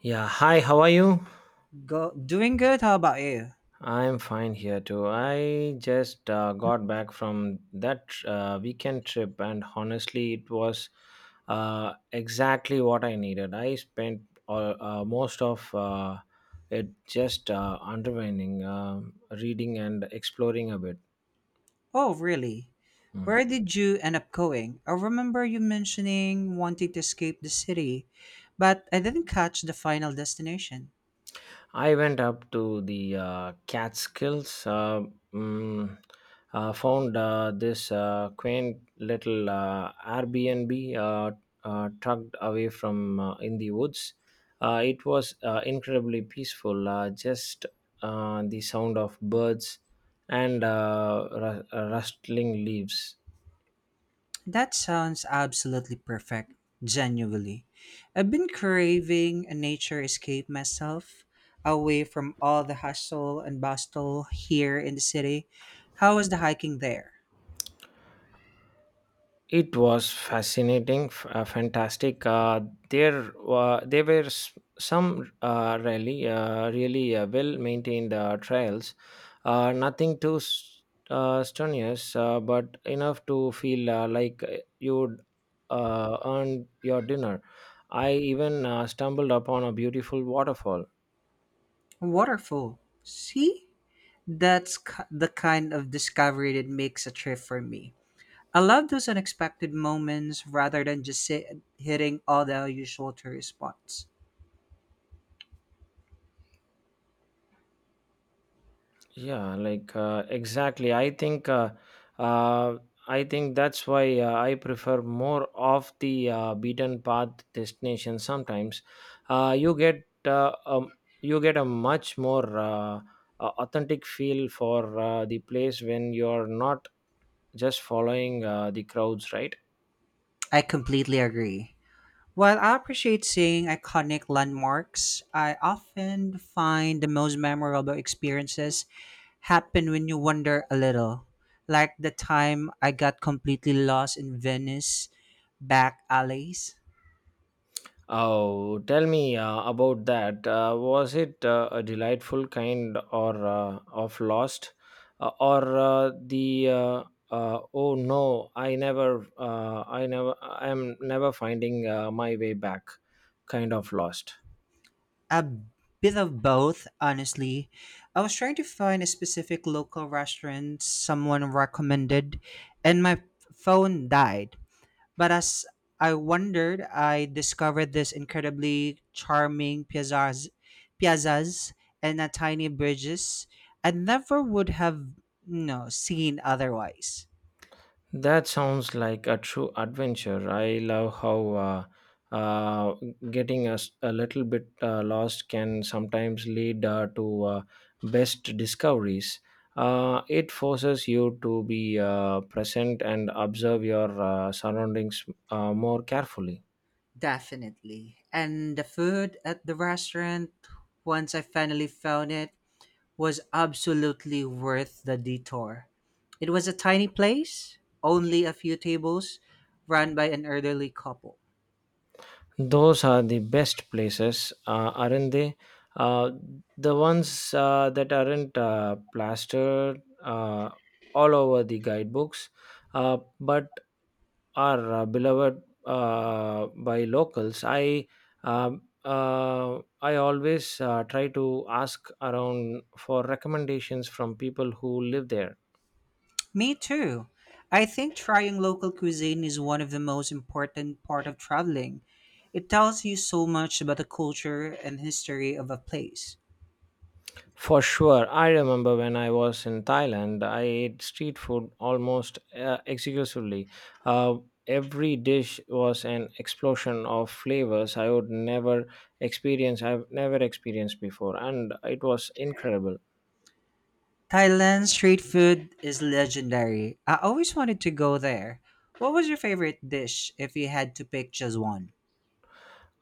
Yeah, hi, how are you? Go, doing good. How about you? I'm fine here too. I just got back from that weekend trip, and honestly, it was exactly what I needed. I spent most of it just underwinding, reading, and exploring a bit. Oh, really? Hmm. Where did you end up going? I remember you mentioning wanting to escape the city, but I didn't catch the final destination. I went up to the Catskills, mm, found this quaint little Airbnb, tucked away from in the woods. It was incredibly peaceful, just the sound of birds and rustling leaves. That sounds absolutely perfect, genuinely. I've been craving a nature escape myself, away from all the hustle and bustle here in the city. How was the hiking there? It was fantastic. There were some really well-maintained trails. Nothing too strenuous, but enough to feel like you'd earned your dinner. I even stumbled upon a beautiful waterfall. Waterfall. See? That's the kind of discovery that makes a trip for me. I love those unexpected moments rather than just sit, hitting all the usual tourist spots. Yeah, like, exactly. Uh, I think that's why I prefer more of the beaten path destination. Sometimes uh, you get uh, um, you get a much more authentic feel for the place when you're not just following the crowds, right? I completely agree. While I appreciate seeing iconic landmarks, I often find the most memorable experiences happen when you wander a little. Like the time I got completely lost in Venice back alleys. Oh, tell me about that. Was it a delightful kind or of lost, or the oh no, I never, I am never finding my way back, kind of lost. A bit of both, honestly. I was trying to find a specific local restaurant someone recommended, and my phone died. But as I wondered, I discovered this incredibly charming piazzas and a tiny bridges I never would have seen otherwise. That sounds like a true adventure. I love how uh, uh, getting us a little bit lost can sometimes lead to best discoveries. It forces you to be present and observe your surroundings more carefully. Definitely. And the food at the restaurant, once I finally found it, was absolutely worth the detour. It was a tiny place, only a few tables, run by an elderly couple. Those are the best places, aren't they? Uh, the ones that aren't plastered all over the guidebooks, but are beloved by locals. I always try to ask around for recommendations from people who live there. Me too. I think trying local cuisine is one of the most important part of traveling. It tells you so much about the culture and history of a place. For sure, I remember when I was in Thailand, I ate street food almost exclusively. Uh, every dish was an explosion of flavors I would never experience. I've never experienced before, and it was incredible. Thailand street food is legendary. I always wanted to go there. What was your favorite dish if you had to pick just one?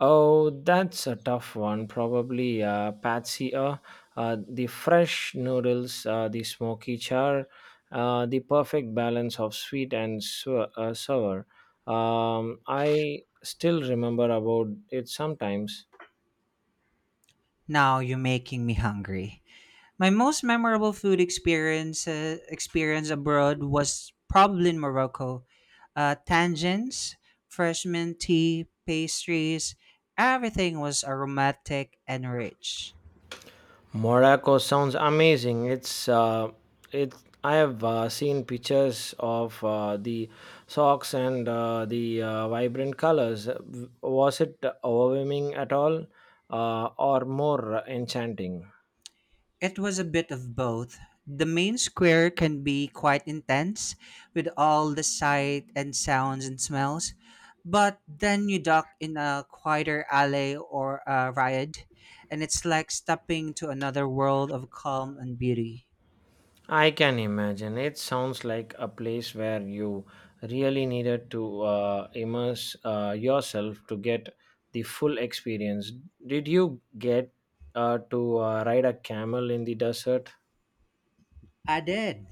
Oh, that's a tough one. Probably Patsy, the fresh noodles, the smoky char, the perfect balance of sweet and sour. I still remember about it sometimes. Now you're making me hungry. My most memorable food experience abroad was probably in Morocco. Tangents, fresh mint tea, pastries, everything was aromatic and rich. Morocco sounds amazing. It's it. I have seen pictures of the socks and the vibrant colors. Was it overwhelming at all, or more enchanting? It was a bit of both. The main square can be quite intense with all the sight and sounds and smells, but then you duck in a quieter alley or a riad, and it's like stepping into another world of calm and beauty. I can imagine. It sounds like a place where you really needed to immerse yourself to get the full experience. Did you get to ride a camel in the desert? I did.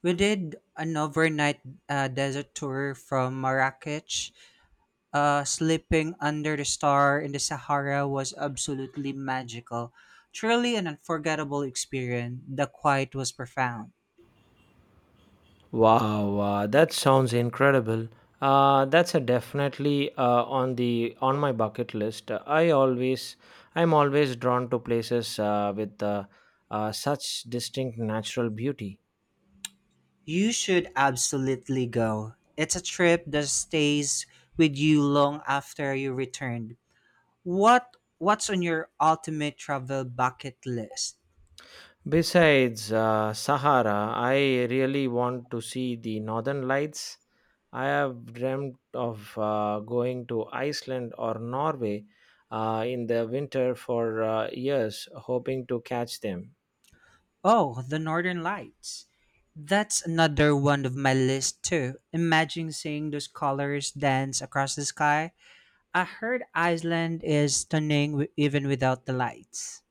We did an overnight desert tour from Marrakech. Sleeping under the star in the Sahara was absolutely magical. Truly an unforgettable experience. The quiet was profound. Wow, that sounds incredible. That's a definitely on the on my bucket list. I'm always drawn to places with such distinct natural beauty. You should absolutely go. It's a trip that stays with you long after you returned. What's on your ultimate travel bucket list? Besides Sahara, I really want to see the Northern Lights. I have dreamt of going to Iceland or Norway in the winter for years, hoping to catch them. Oh, The Northern Lights. That's another one of my list too. Imagine seeing those colors dance across the sky. I heard Iceland is stunning even without the lights.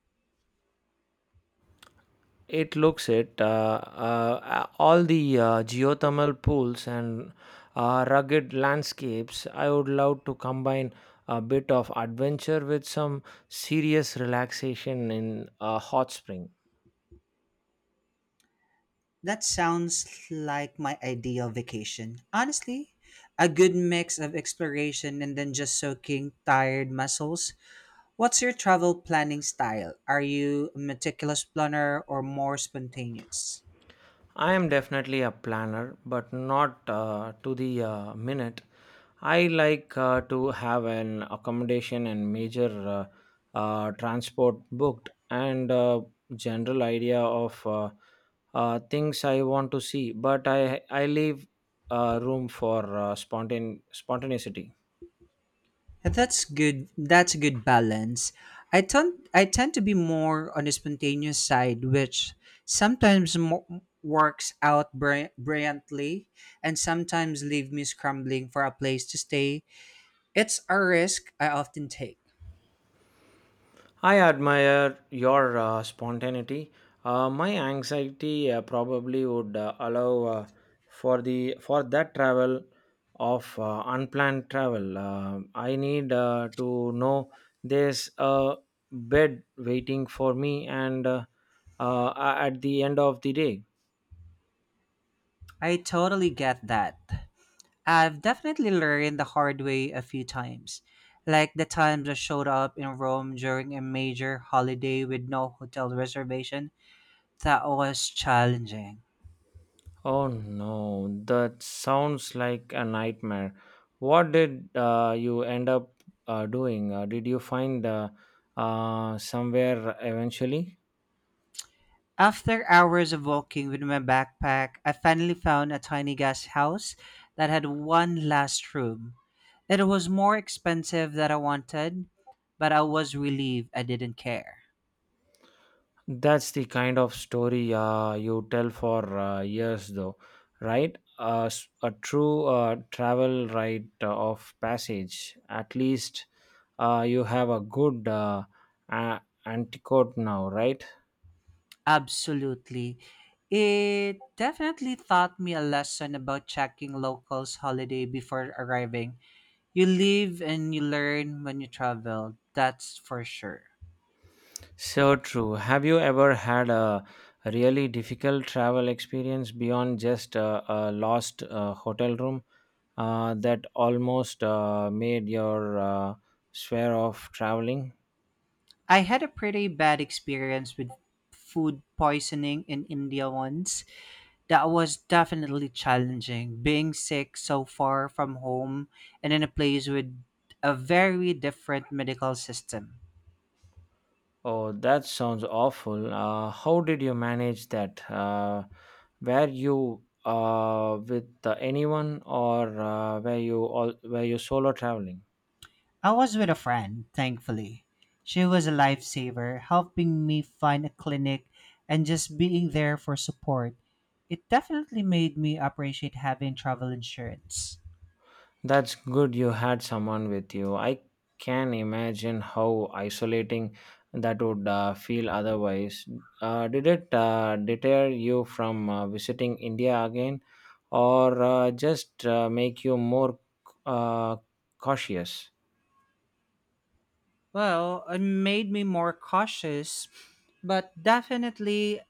It looks it. All the geothermal pools and rugged landscapes. I would love to combine a bit of adventure with some serious relaxation in a hot spring. That sounds like my ideal vacation. Honestly, a good mix of exploration and then just soaking tired muscles. What's your travel planning style? Are you a meticulous planner or more spontaneous? I am definitely a planner, but not to the minute. I like to have an accommodation and major transport booked and general idea of things I want to see, but I leave room for spontaneity. That's good. That's a good balance. I tend to be more on the spontaneous side, which sometimes works out brilliantly, and sometimes leave me scrambling for a place to stay. It's a risk I often take. I admire your spontaneity. My anxiety probably would allow for the for that travel of unplanned travel. I need to know there's a bed waiting for me and uh, at the end of the day. I totally get that. I've definitely learned the hard way a few times. Like the times I showed up in Rome during a major holiday with no hotel reservation, that was challenging. Oh no, that sounds like a nightmare. What did you end up doing? Did you find somewhere eventually? After hours of walking with my backpack, I finally found a tiny guest house that had one last room. It was more expensive than I wanted, but I was relieved I didn't care. That's the kind of story you tell for years, though, right? A true travel rite of passage. At least you have a good antidote now, right? Absolutely. It definitely taught me a lesson about checking locals' holiday before arriving. You live and you learn when you travel, that's for sure. So true. Have you ever had a really difficult travel experience beyond just a lost hotel room that almost made your swear off traveling? I had a pretty bad experience with food poisoning in India once. That was definitely challenging, being sick so far from home and in a place with a very different medical system. Oh, that sounds awful. How did you manage that? Were you with anyone or were you solo traveling? I was with a friend, thankfully. She was a lifesaver, helping me find a clinic and just being there for support. It definitely made me appreciate having travel insurance. That's good you had someone with you. I can imagine how isolating that would feel otherwise. Did it deter you from visiting India again or just make you more uh, cautious? Well, it made me more cautious, but definitely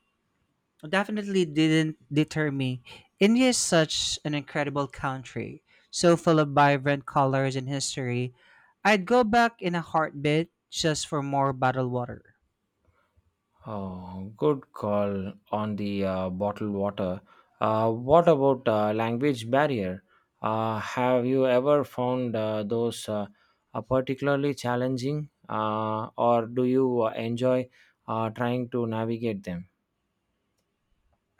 definitely didn't deter me. India is such an incredible country, so full of vibrant colors and history. I'd go back in a heartbeat just for more bottled water. Oh, good call on the bottled water. What about language barrier? Have you ever found those particularly challenging, or do you enjoy trying to navigate them?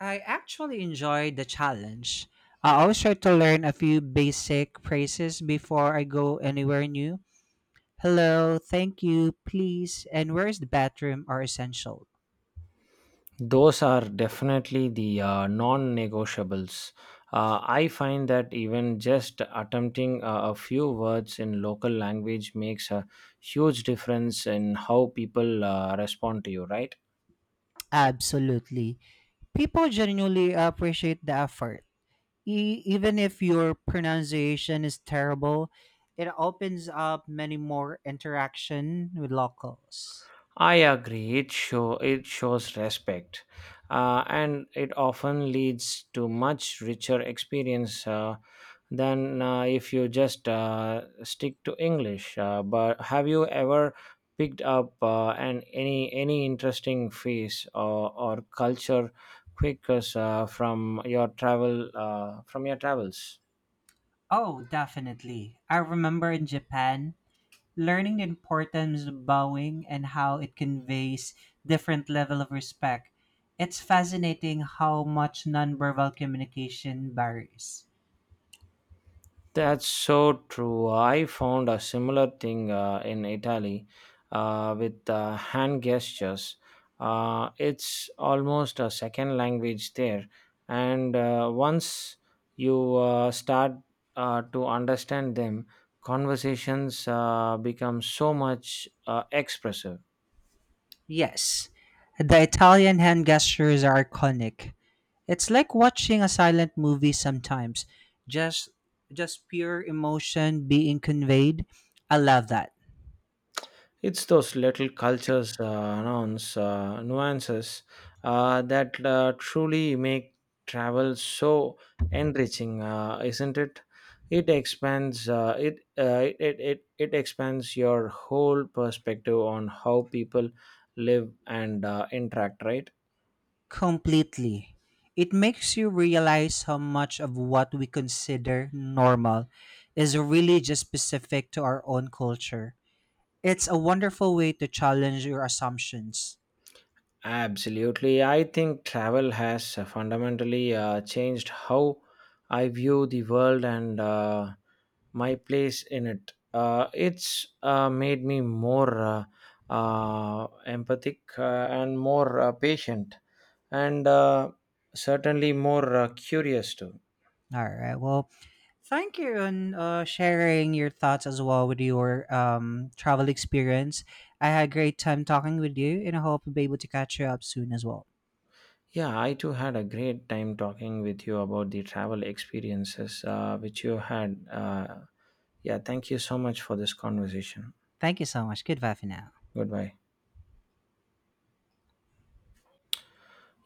I actually enjoyed the challenge. I always try to learn a few basic phrases before I go anywhere new. Hello, thank you, please, and where is the bathroom are essential. Those are definitely the non negotiables. I find that even just attempting a few words in local language makes a huge difference in how people respond to you, right? Absolutely. People genuinely appreciate the effort. Even if your pronunciation is terrible, it opens up many more interaction with locals. I agree. It shows respect, and it often leads to much richer experience than if you just stick to English. But have you ever picked up an any interesting face, or culture quick from your travels? Oh, definitely. I remember in Japan, learning the importance of bowing and how it conveys different level of respect. It's fascinating how much nonverbal communication varies. That's so true. I found a similar thing in Italy with hand gestures. It's almost a second language there. And once you start to understand them, conversations become so much expressive. Yes, the Italian hand gestures are iconic. It's like watching a silent movie sometimes. Just just pure emotion being conveyed. I love that. It's those little cultures, nuances that truly make travel so enriching, isn't it? It expands it expands your whole perspective on how people live and interact, right? Completely. It makes you realize how much of what we consider normal is really just specific to our own culture. It's a wonderful way to challenge your assumptions. Absolutely. I think travel has fundamentally changed how I view the world and my place in it. It's made me more empathic and more patient and certainly more curious too. All right. Well, thank you on sharing your thoughts as well with your travel experience. I had a great time talking with you, and I hope we'll be able to catch you up soon as well. Yeah, I too had a great time talking with you about the travel experiences which you had. Yeah, thank you so much for this conversation. Thank you so much. Goodbye for now. Goodbye.